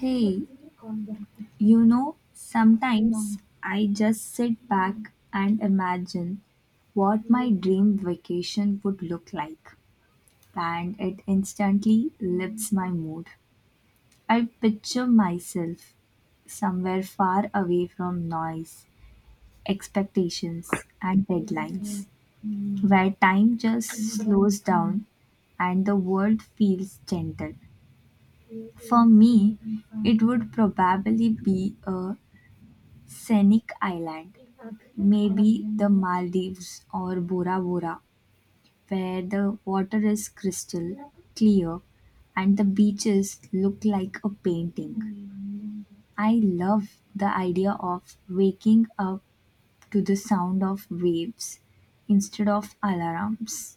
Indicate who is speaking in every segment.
Speaker 1: Hey, you know, sometimes I just sit back and imagine what my dream vacation would look like, and it instantly lifts my mood. I picture myself somewhere far away from noise, expectations, and deadlines, where time just slows down and the world feels gentle. For me, it would probably be a scenic island, maybe the Maldives or Bora Bora, where the water is crystal clear and the beaches look like a painting. I love the idea of waking up to the sound of waves instead of alarms,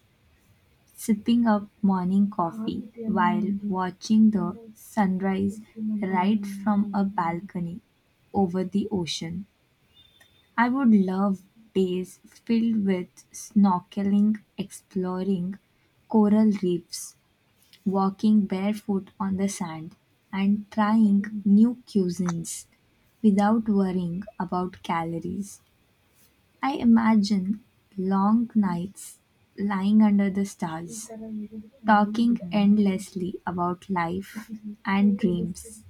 Speaker 1: sipping up morning coffee while watching the sunrise right from a balcony over the ocean. I would love days filled with snorkeling, exploring coral reefs, walking barefoot on the sand, and trying new cuisines without worrying about calories. I imagine long nights lying under the stars, talking endlessly about life and dreams,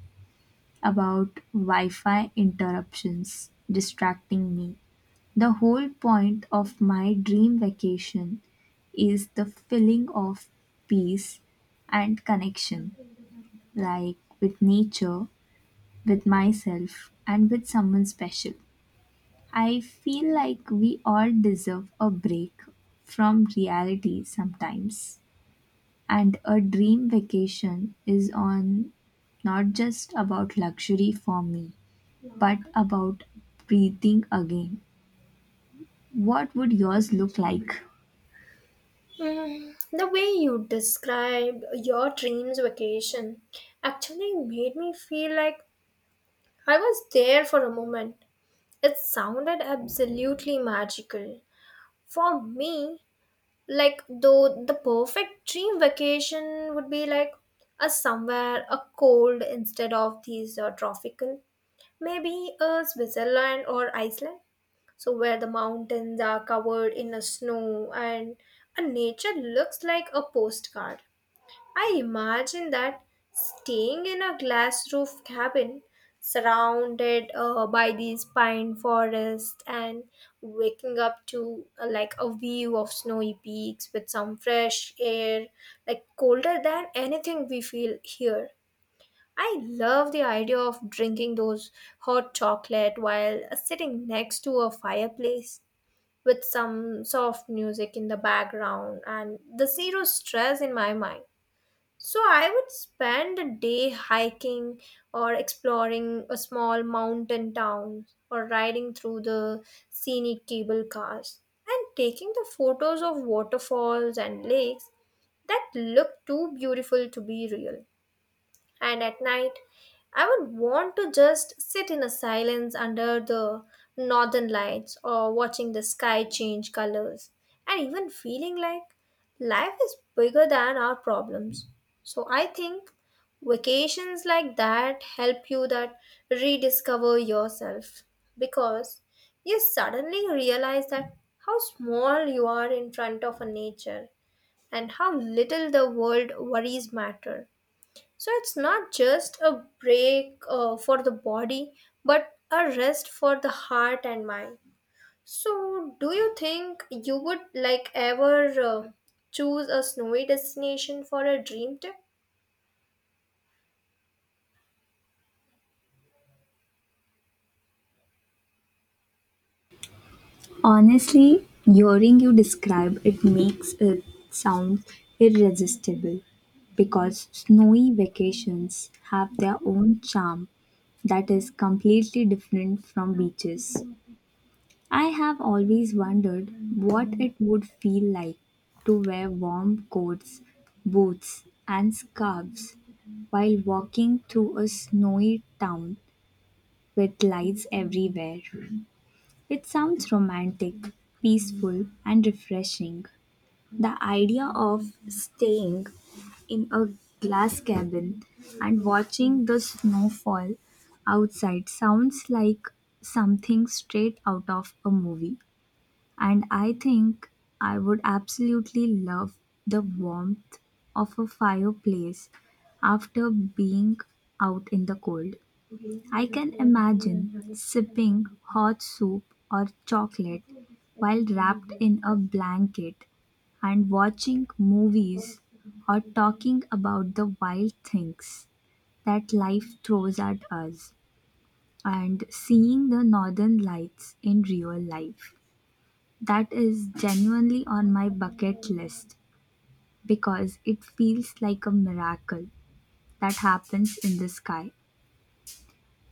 Speaker 1: about Wi Fi interruptions distracting me. The whole point of my dream vacation is the feeling of peace and connection, like with nature, with myself, and with someone special. I feel like we all deserve a break from reality sometimes. And a dream vacation is on not just about luxury for me, but about breathing again. What would yours look like?
Speaker 2: The way you described your dreams vacation actually made me feel like I was there for a moment. It sounded absolutely magical. For me, like though the perfect dream vacation would be like a somewhere a cold instead of these tropical, maybe a Switzerland or Iceland. So where the mountains are covered in a snow and a nature looks like a postcard. I imagine that staying in a glass roof cabin surrounded by these pine forests and waking up to like a view of snowy peaks with some fresh air like colder than anything we feel here. I love the idea of drinking those hot chocolate while sitting next to a fireplace with some soft music in the background and the zero stress in my mind. So I would spend a day hiking or exploring a small mountain town or riding through the scenic cable cars and taking the photos of waterfalls and lakes that look too beautiful to be real. And at night, I would want to just sit in a silence under the northern lights or watching the sky change colors and even feeling like life is bigger than our problems. So I think vacations like that help you that rediscover yourself because you suddenly realize that how small you are in front of a nature and how little the world worries matter. So it's not just a break for the body, but a rest for the heart and mind. So, do you think you would like ever choose a snowy destination for a dream trip?
Speaker 1: Honestly, hearing you describe it makes it sound irresistible because snowy vacations have their own charm that is completely different from beaches. I have always wondered what it would feel like to wear warm coats, boots, and scarves while walking through a snowy town with lights everywhere. It sounds romantic, peaceful, and refreshing. The idea of staying in a glass cabin and watching the snowfall outside sounds like something straight out of a movie. And I think I would absolutely love the warmth of a fireplace after being out in the cold. I can imagine sipping hot soup or chocolate while wrapped in a blanket and watching movies or talking about the wild things that life throws at us and seeing the northern lights in real life. That is genuinely on my bucket list because it feels like a miracle that happens in the sky.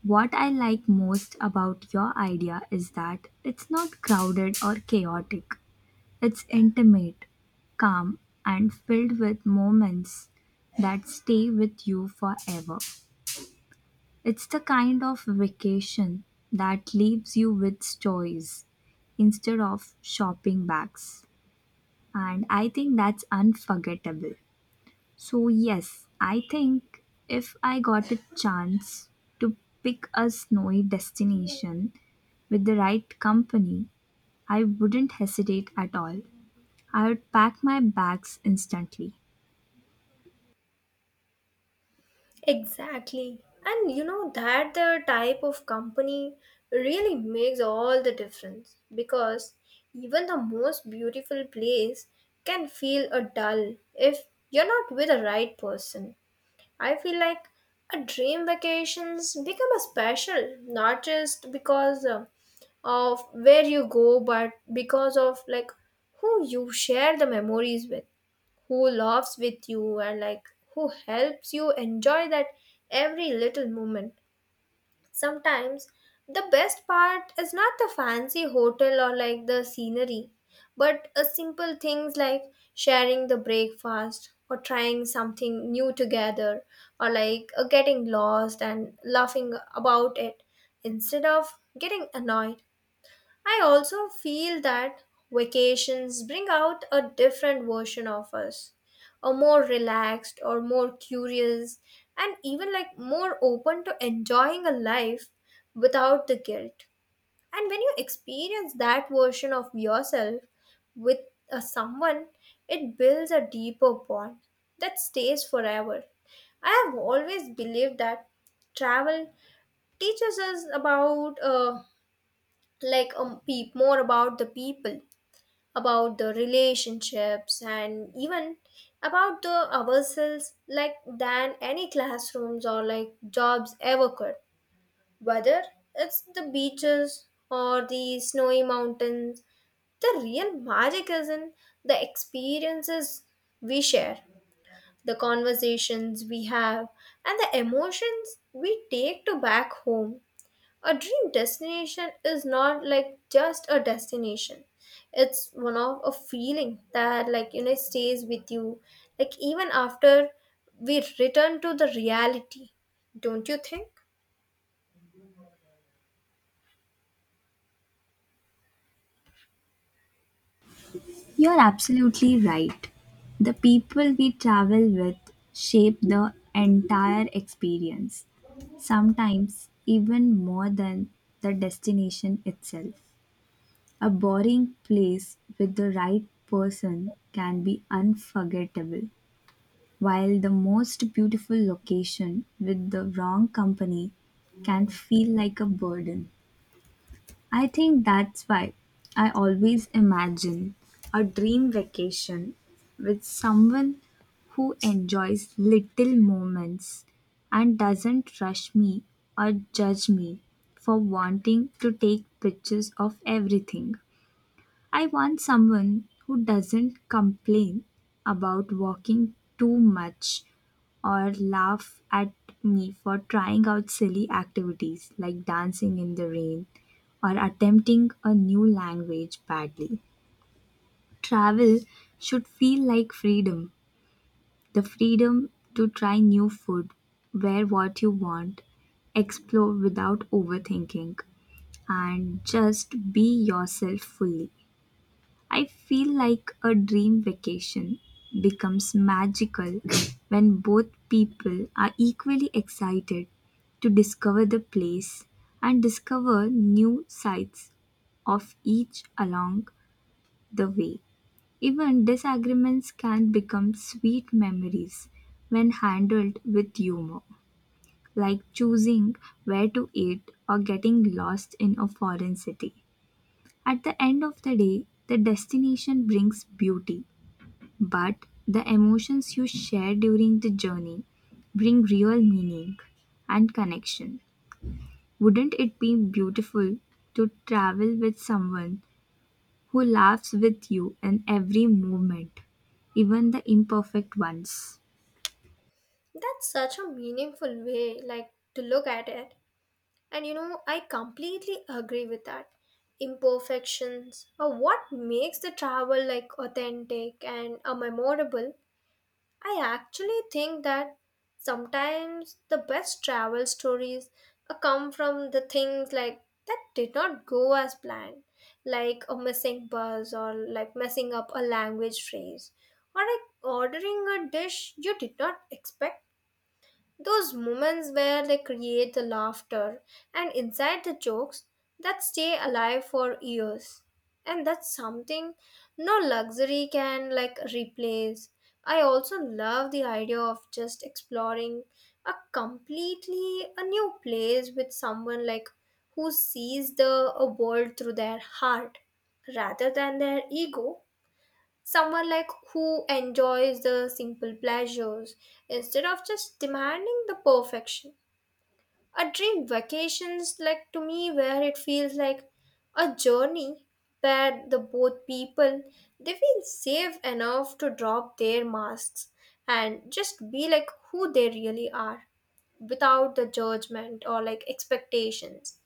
Speaker 1: What I like most about your idea is that it's not crowded or chaotic. It's intimate, calm, and filled with moments that stay with you forever. It's the kind of vacation that leaves you with stories instead of shopping bags. And I think that's unforgettable. So, yes, I think if I got a chance to pick a snowy destination, with the right company, I wouldn't hesitate at all. I would pack my bags instantly.
Speaker 2: Exactly. And you know that the type of company really makes all the difference because even the most beautiful place can feel a dull if you're not with the right person. I feel like a dream vacations become a special, not just because of where you go, but because of like who you share the memories with, who laughs with you, and like who helps you enjoy that every little moment. Sometimes the best part is not the fancy hotel or like the scenery, but a simple things like sharing the breakfast or trying something new together or like getting lost and laughing about it instead of getting annoyed. I also feel that vacations bring out a different version of us, a more relaxed or more curious, and even like more open to enjoying a life without the guilt. And when you experience that version of yourself with a someone, it builds a deeper bond that stays forever. I have always believed that travel teaches us about like peep more about the people about the relationships and even about the ourselves like than any classrooms or like jobs ever could. Whether it's the beaches or the snowy mountains, the real magic is in the experiences we share, the conversations we have, and the emotions we take to back home. A dream destination is not like just a destination. It's one of a feeling that like you know stays with you like even after we return to the reality. Don't you think?
Speaker 1: You're absolutely right. The people we travel with shape the entire experience, sometimes even more than the destination itself. A boring place with the right person can be unforgettable, while the most beautiful location with the wrong company can feel like a burden. I think that's why I always imagine a dream vacation with someone who enjoys little moments and doesn't rush me or judge me for wanting to take pictures of everything. I want someone who doesn't complain about walking too much or laugh at me for trying out silly activities like dancing in the rain or attempting a new language badly. Travel should feel like freedom, the freedom to try new food, wear what you want, explore without overthinking, and just be yourself fully. I feel like a dream vacation becomes magical when both people are equally excited to discover the place and discover new sides of each along the way. Even disagreements can become sweet memories when handled with humor, like choosing where to eat or getting lost in a foreign city. At the end of the day, the destination brings beauty, but the emotions you share during the journey bring real meaning and connection. Wouldn't it be beautiful to travel with someone who laughs with you in every movement, even the imperfect ones?
Speaker 2: That's such a meaningful way like to look at it. And you know, I completely agree with that. Imperfections are what makes the travel like authentic and a memorable. I actually think that sometimes the best travel stories come from the things like that did not go as planned, like a missing bus or like messing up a language phrase or like ordering a dish you did not expect. Those moments where they create the laughter and inside the jokes that stay alive for years. And that's something no luxury can like replace. I also love the idea of just exploring a completely a new place with someone like who sees the a world through their heart rather than their ego. Someone like who enjoys the simple pleasures instead of just demanding the perfection. A dream vacations like to me where it feels like a journey where the both people they feel safe enough to drop their masks and just be like who they really are without the judgment or like expectations.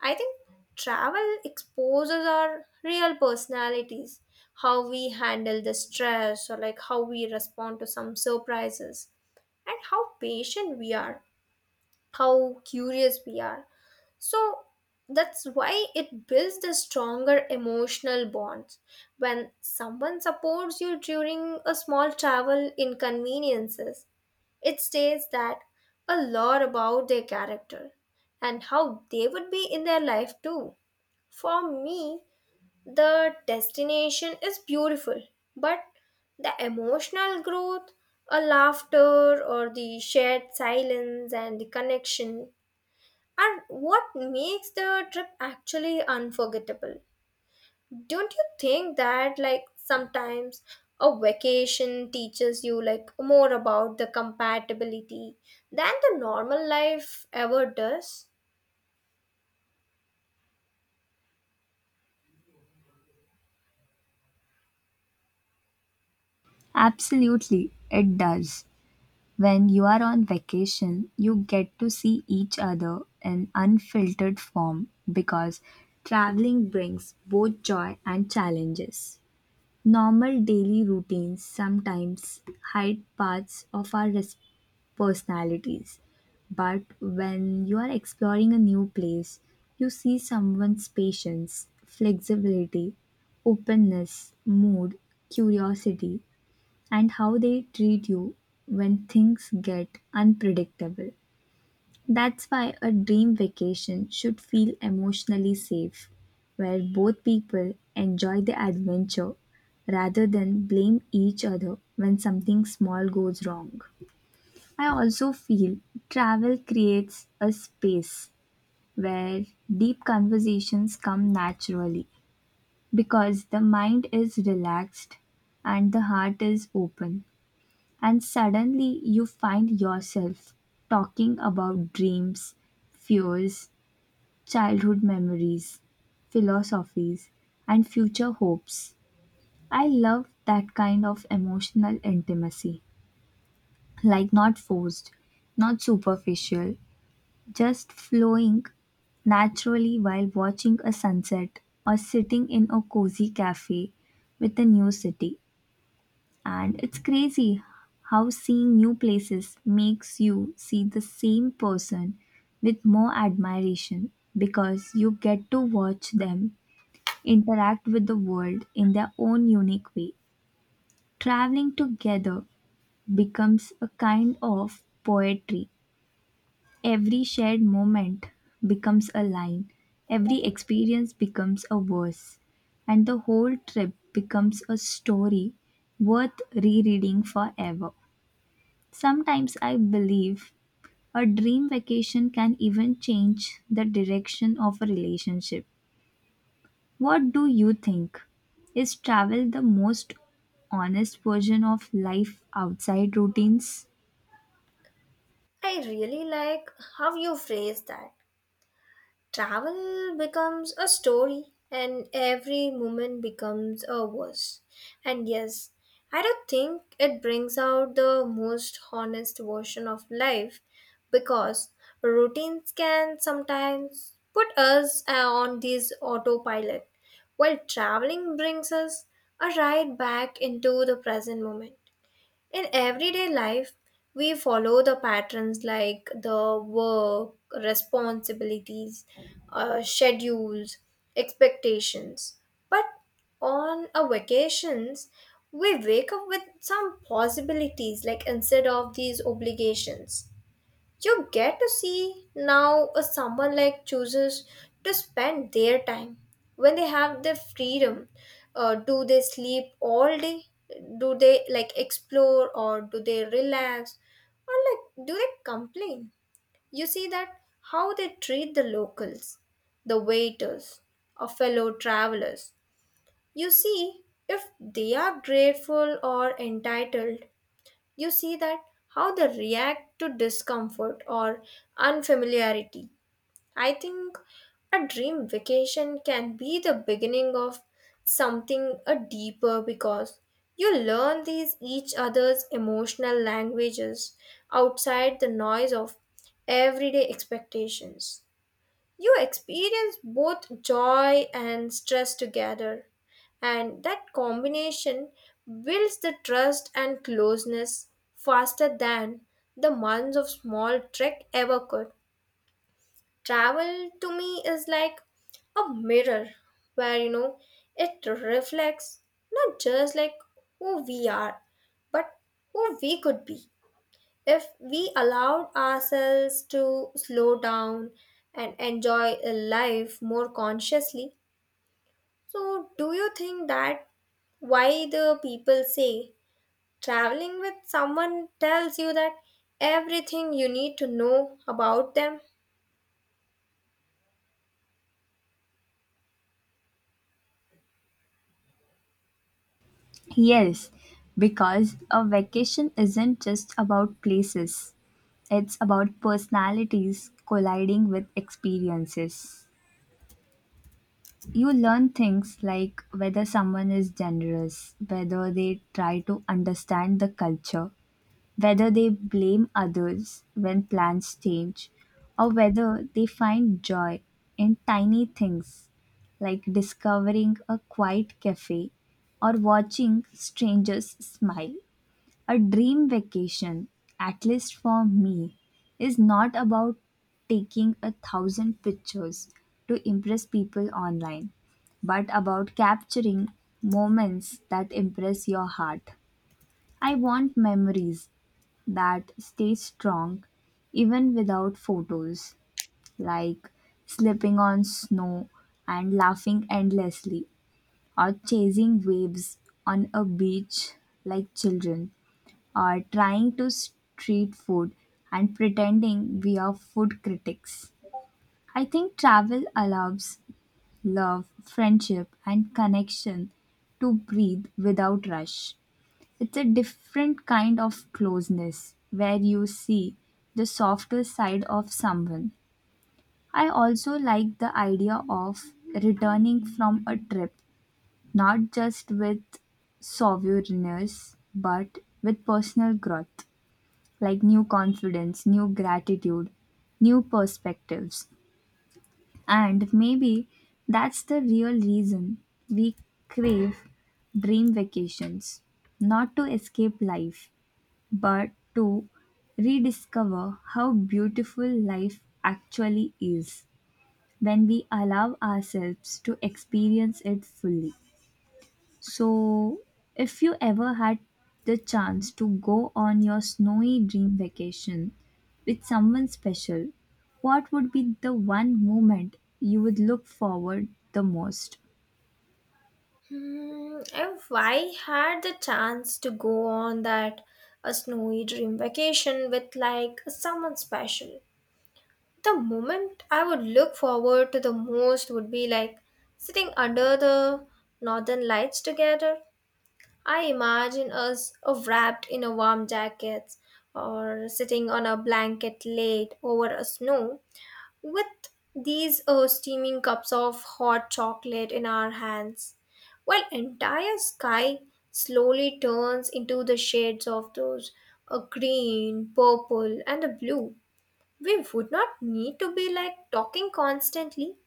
Speaker 2: I think travel exposes our real personalities, how we handle the stress, or like how we respond to some surprises, and how patient we are, how curious we are. So that's why it builds the stronger emotional bonds. When someone supports you during a small travel inconveniences, it states that a lot about their character and how they would be in their life too. For me, the destination is beautiful, but the emotional growth, a laughter, or the shared silence and the connection are what makes the trip actually unforgettable. Don't you think that, like, sometimes a vacation teaches you, like, more about the compatibility than the normal life ever does?
Speaker 1: Absolutely, it does. When you are on vacation, you get to see each other in unfiltered form because traveling brings both joy and challenges. Normal daily routines sometimes hide parts of our personalities, but when you are exploring a new place, you see someone's patience, flexibility, openness, mood, curiosity, and how they treat you when things get unpredictable. That's why a dream vacation should feel emotionally safe, where both people enjoy the adventure rather than blame each other when something small goes wrong. I also feel travel creates a space where deep conversations come naturally because the mind is relaxed and the heart is open. And suddenly you find yourself talking about dreams, fears, childhood memories, philosophies, and future hopes. I love that kind of emotional intimacy, like not forced, not superficial, just flowing naturally while watching a sunset or sitting in a cozy cafe with a new city. And it's crazy how seeing new places makes you see the same person with more admiration because you get to watch them interact with the world in their own unique way. Traveling together becomes a kind of poetry. Every shared moment becomes a line, every experience becomes a verse, and the whole trip becomes a story worth rereading forever. Sometimes I believe a dream vacation can even change the direction of a relationship. What do you think? Is travel the most honest version of life outside routines?
Speaker 2: I really like how you phrase that travel becomes a story and every moment becomes a verse. And yes, I don't think it brings out the most honest version of life because routines can sometimes put us on this autopilot while traveling brings us a ride back into the present moment. In everyday life, we follow the patterns like the work, responsibilities, schedules, expectations. But on a vacations, we wake up with some possibilities like instead of these obligations. You get to see now a someone like chooses to spend their time when they have the freedom. Do they sleep all day? Do they like explore or do they relax? Or like do they complain? You see that how they treat the locals, the waiters, or fellow travelers. You see if they are grateful or entitled. You see that how they react to discomfort or unfamiliarity. I think a dream vacation can be the beginning of something a deeper because you learn these each other's emotional languages outside the noise of everyday expectations. You experience both joy and stress together, and that combination builds the trust and closeness faster than the months of small trek ever could. Travel to me is like a mirror where you know it reflects not just like who we are, but who we could be. If we allowed ourselves to slow down and enjoy a life more consciously, so do you think that why the people say traveling with someone tells you that everything you need to know about them?
Speaker 1: Yes, because a vacation isn't just about places, it's about personalities colliding with experiences. You learn things like whether someone is generous, whether they try to understand the culture, whether they blame others when plans change, or whether they find joy in tiny things like discovering a quiet cafe or watching strangers smile. A dream vacation, at least for me, is not about taking a thousand pictures to impress people online, but about capturing moments that impress your heart. I want memories that stays strong even without photos, like slipping on snow and laughing endlessly, or chasing waves on a beach like children, or trying to street food and pretending we are food critics. I think travel allows love, friendship, and connection to breathe without rush. It's a different kind of closeness where you see the softer side of someone. I also like the idea of returning from a trip, not just with souvenirs, but with personal growth, like new confidence, new gratitude, new perspectives. And maybe that's the real reason we crave dream vacations, not to escape life, but to rediscover how beautiful life actually is when we allow ourselves to experience it fully. So, if you ever had the chance to go on your snowy dream vacation with someone special, what would be the one moment you would look forward the most?
Speaker 2: Hmm, if I had the chance to go on that a snowy dream vacation with like someone special, the moment I would look forward to the most would be like sitting under the northern lights together. I imagine us wrapped in a warm jackets or sitting on a blanket laid over a snow with these steaming cups of hot chocolate in our hands while entire sky slowly turns into the shades of those green, purple and the blue. We would not need to be like talking constantly,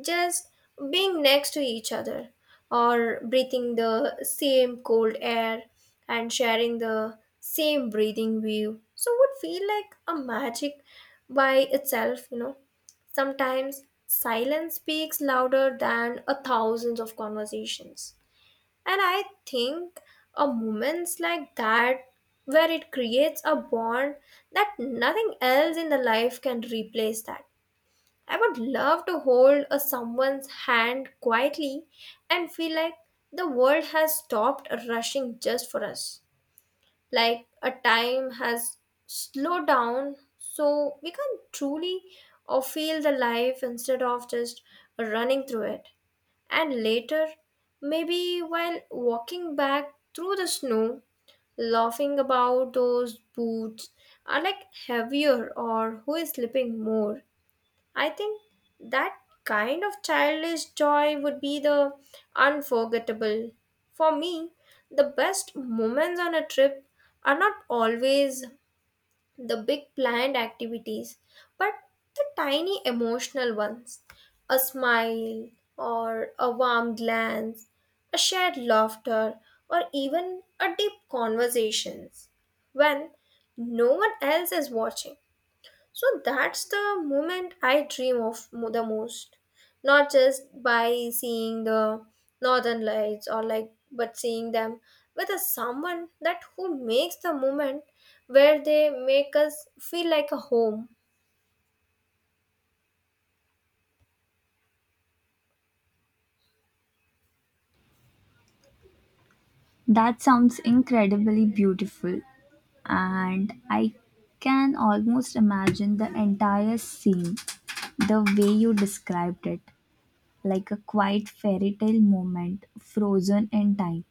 Speaker 2: just being next to each other or breathing the same cold air and sharing the same breathing view. So, it would feel like a magic by itself, you know. Sometimes silence speaks louder than a thousands of conversations. And I think a moments like that where it creates a bond that nothing else in the life can replace that. I would love to hold a someone's hand quietly and feel like the world has stopped rushing just for us. Like a time has slowed down so we can truly or feel the life instead of just running through it. And later, maybe while walking back through the snow, laughing about those boots are like heavier or who is slipping more. I think that kind of childish joy would be the unforgettable. For me, the best moments on a trip are not always the big planned activities, but the tiny emotional ones. A smile, or a warm glance, a shared laughter, or even a deep conversations when no one else is watching. So that's the moment I dream of the most. Not just by seeing the northern lights or like, but seeing them with a someone that who makes the moment where they make us feel like a home.
Speaker 1: That sounds incredibly beautiful, and I can almost imagine the entire scene the way you described it, like a quiet fairy tale moment frozen in time.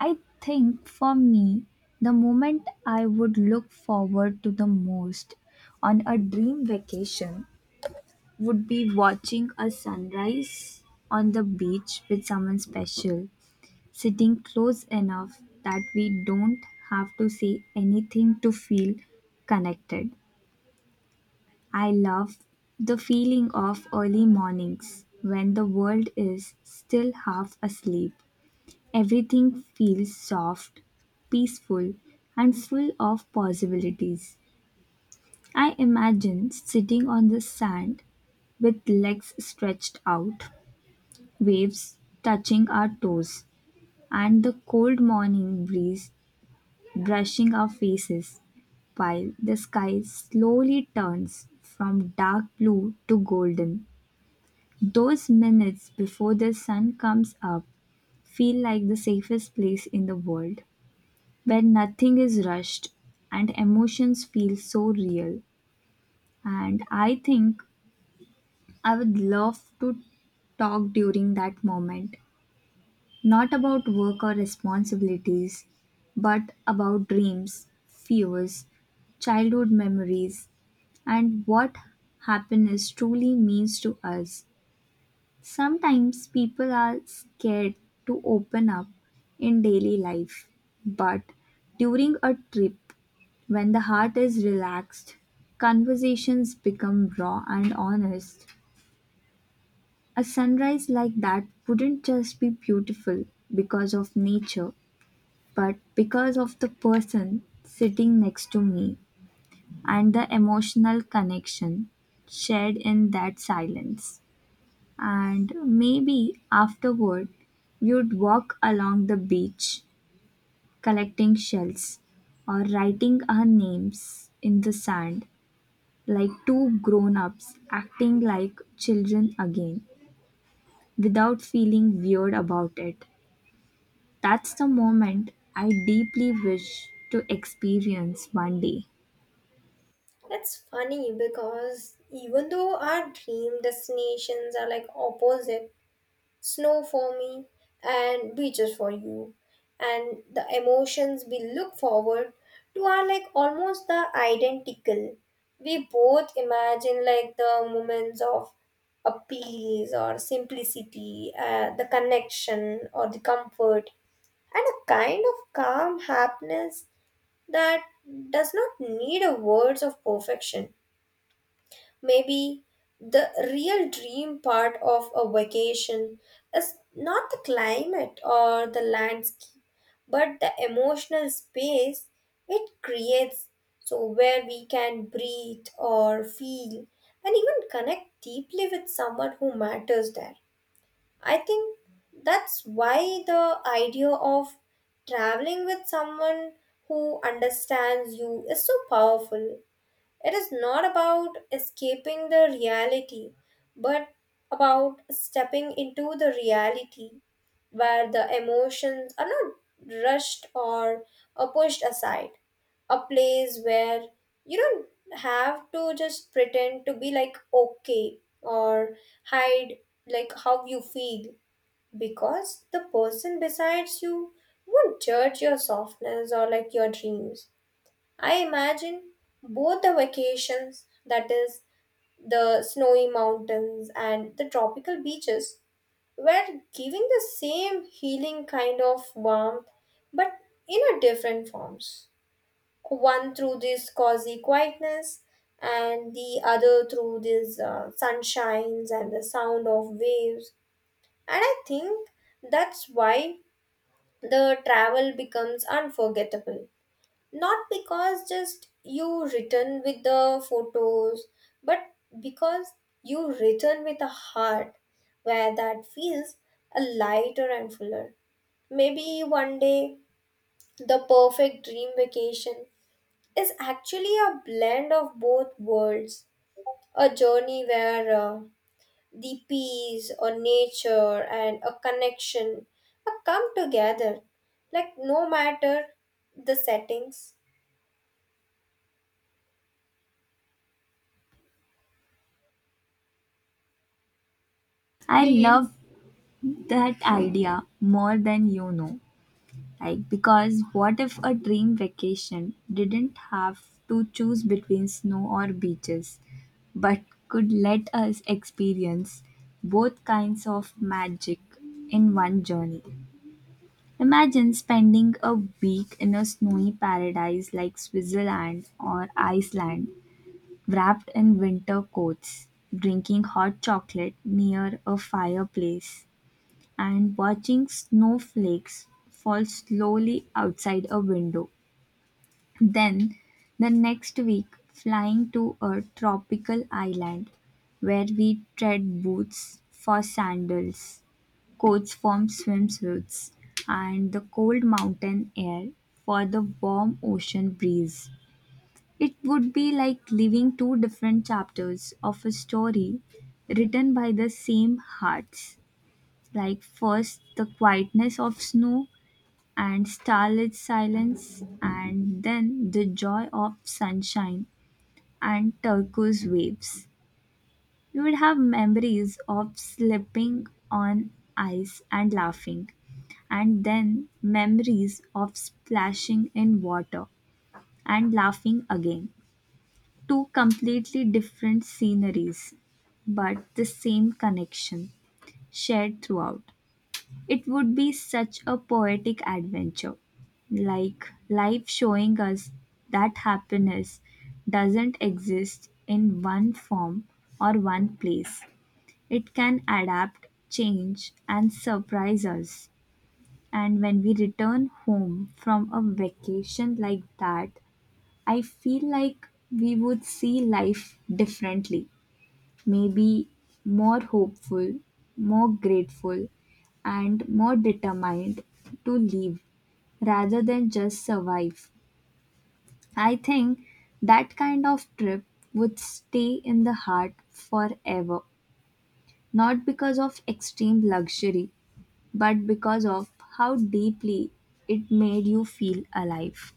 Speaker 1: I think for me, the moment I would look forward to the most on a dream vacation would be watching a sunrise on the beach with someone special, sitting close enough that we don't have to say anything to feel connected. I love the feeling of early mornings when the world is still half asleep. Everything feels soft, peaceful, and full of possibilities. I imagine sitting on the sand with legs stretched out, waves touching our toes, and the cold morning breeze brushing our faces while the sky slowly turns from dark blue to golden. Those minutes before the sun comes up feel like the safest place in the world, where nothing is rushed and emotions feel so real. And I think I would love to talk during that moment, not about work or responsibilities, but about dreams, fears, childhood memories, and what happiness truly means to us. Sometimes people are scared to open up in daily life, but during a trip, when the heart is relaxed, conversations become raw and honest. A sunrise like that wouldn't just be beautiful because of nature, but because of the person sitting next to me and the emotional connection shared in that silence. And maybe afterward you'd walk along the beach collecting shells or writing our names in the sand like two grown ups acting like children again without feeling weird about it. That's the moment I deeply wish to experience one day.
Speaker 2: It's funny because even though our dream destinations are like opposite, snow for me and beaches for you and the emotions we look forward to are like almost the identical. We both imagine like the moments of appease or simplicity the connection or the comfort and a kind of calm happiness that does not need a words of perfection. Maybe the real dream part of a vacation is not the climate or the landscape, but the emotional space it creates, so where we can breathe or feel and even connect deeply with someone who matters there. I think that's why the idea of traveling with someone who understands you is so powerful. It is not about escaping the reality, but about stepping into the reality where the emotions are not rushed or are pushed aside. A place where you don't have to just pretend to be like okay or hide like how you feel because the person besides you won't judge your softness or like your dreams. I imagine both the vacations, that is, the snowy mountains and the tropical beaches, were giving the same healing kind of warmth but in a different forms. One through this cozy quietness, and the other through these sunshines and the sound of waves. And I think that's why the travel becomes unforgettable not because just you written with the photos but because you written with a heart where that feels a lighter and fuller. Maybe one day the perfect dream vacation is actually a blend of both worlds, a journey where the peace or nature and a connection come together like no matter the settings.
Speaker 1: I really love that idea more than you know. Like, because what if a dream vacation didn't have to choose between snow or beaches, but could let us experience both kinds of magic in one journey? Imagine spending a week in a snowy paradise like Switzerland or Iceland, wrapped in winter coats, drinking hot chocolate near a fireplace and watching snowflakes fall slowly outside a window. Then, the next week, flying to a tropical island where we trade boots for sandals, coats for swimsuits, and the cold mountain air for the warm ocean breeze. It would be like living two different chapters of a story written by the same hearts, like first the quietness of snow and starlit silence and then the joy of sunshine and turquoise waves. You would have memories of slipping on ice and laughing and then memories of splashing in water and laughing again, two completely different sceneries but the same connection shared throughout. It would be such a poetic adventure, like life showing us that happiness doesn't exist in one form or one place. It can adapt, change, and surprise us. And when we return home from a vacation like that, I feel like we would see life differently. Maybe more hopeful, more grateful, and more determined to live rather than just survive. I think that kind of trip would stay in the heart forever, not because of extreme luxury, but because of how deeply it made you feel alive.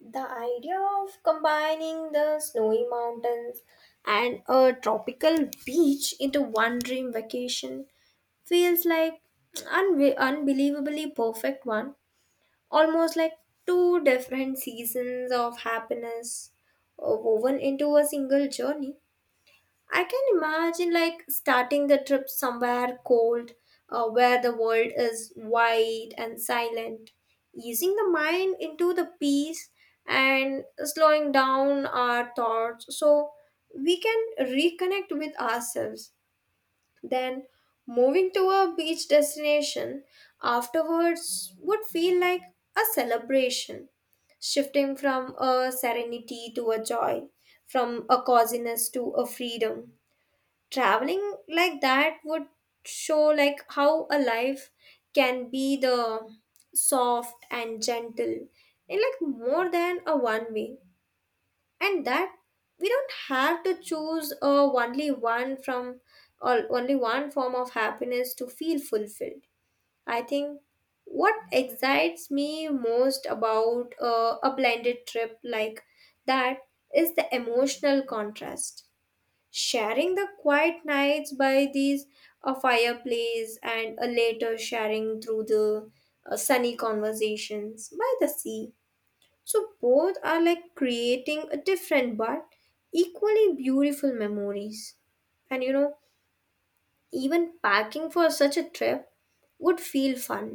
Speaker 2: The idea of combining the snowy mountains and a tropical beach into one dream vacation feels like unbelievably perfect one, almost like two different seasons of happiness woven into a single journey. I can imagine like starting the trip somewhere cold, where the world is wide and silent, easing the mind into the peace and slowing down our thoughts so we can reconnect with ourselves. Then moving to a beach destination afterwards would feel like a celebration, shifting from a serenity to a joy, from a coziness to a freedom. Traveling like that would show like how a life can be the soft and gentle in like more than a one way and that we don't have to choose a only one from or only one form of happiness to feel fulfilled. I think what excites me most about a blended trip like that is the emotional contrast, sharing the quiet nights by these a fireplace and a later sharing through the sunny conversations by the sea. So both are like creating a different but equally beautiful memories. And you know, even packing for such a trip would feel fun,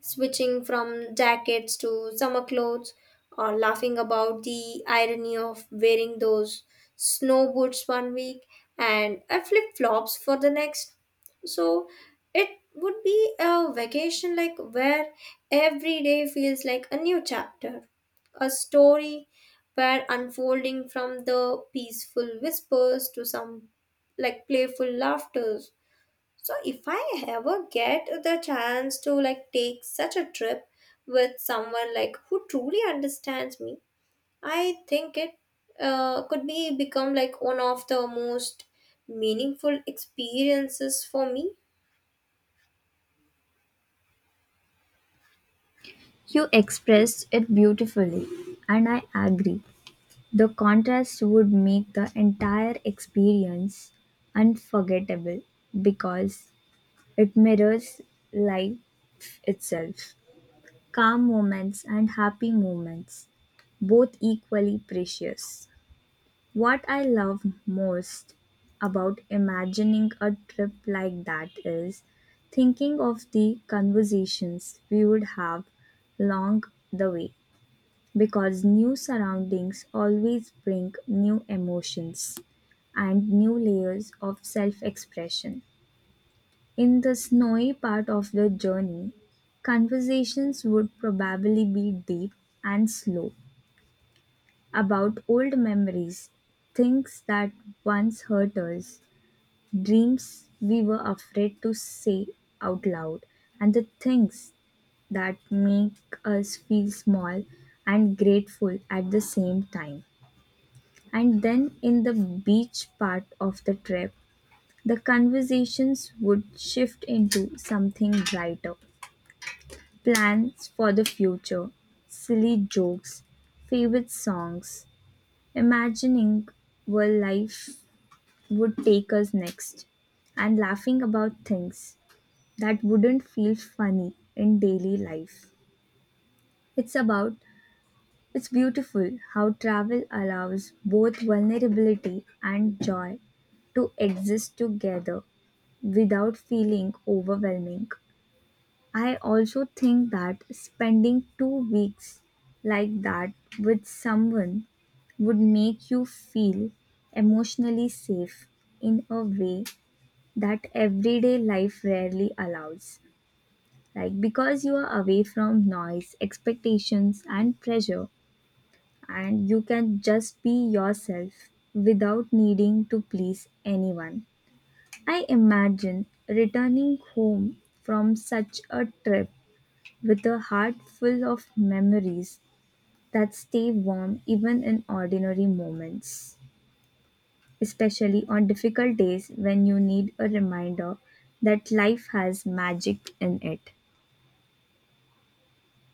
Speaker 2: switching from jackets to summer clothes, or laughing about the irony of wearing those snow boots one week and a flip flops for the next. So it would be a vacation like where every day feels like a new chapter, a story where unfolding from the peaceful whispers to some like playful laughter. So if I ever get the chance to like take such a trip with someone like who truly understands me, I think it could be become like one of the most meaningful experiences for me.
Speaker 1: You expressed it beautifully, and I agree. The contrast would make the entire experience unforgettable because it mirrors life itself. Calm moments and happy moments, both equally precious. What I love most about imagining a trip like that is thinking of the conversations we would have along the way because new surroundings always bring new emotions and new layers of self expression. In the snowy part of the journey, conversations would probably be deep and slow about old memories, things that once hurt us, dreams we were afraid to say out loud, and the things that make us feel small and grateful at the same time. And then in the beach part of the trip, the conversations would shift into something brighter, plans for the future, silly jokes, favorite songs, imagining where life would take us next, and laughing about things that wouldn't feel funny in daily life. It's about It's beautiful how travel allows both vulnerability and joy to exist together without feeling overwhelming. I also think that spending 2 weeks like that with someone would make you feel emotionally safe in a way that everyday life rarely allows. Like, because you are away from noise, expectations, and pressure, and you can just be yourself without needing to please anyone. I imagine returning home from such a trip with a heart full of memories that stay warm even in ordinary moments, especially on difficult days when you need a reminder that life has magic in it.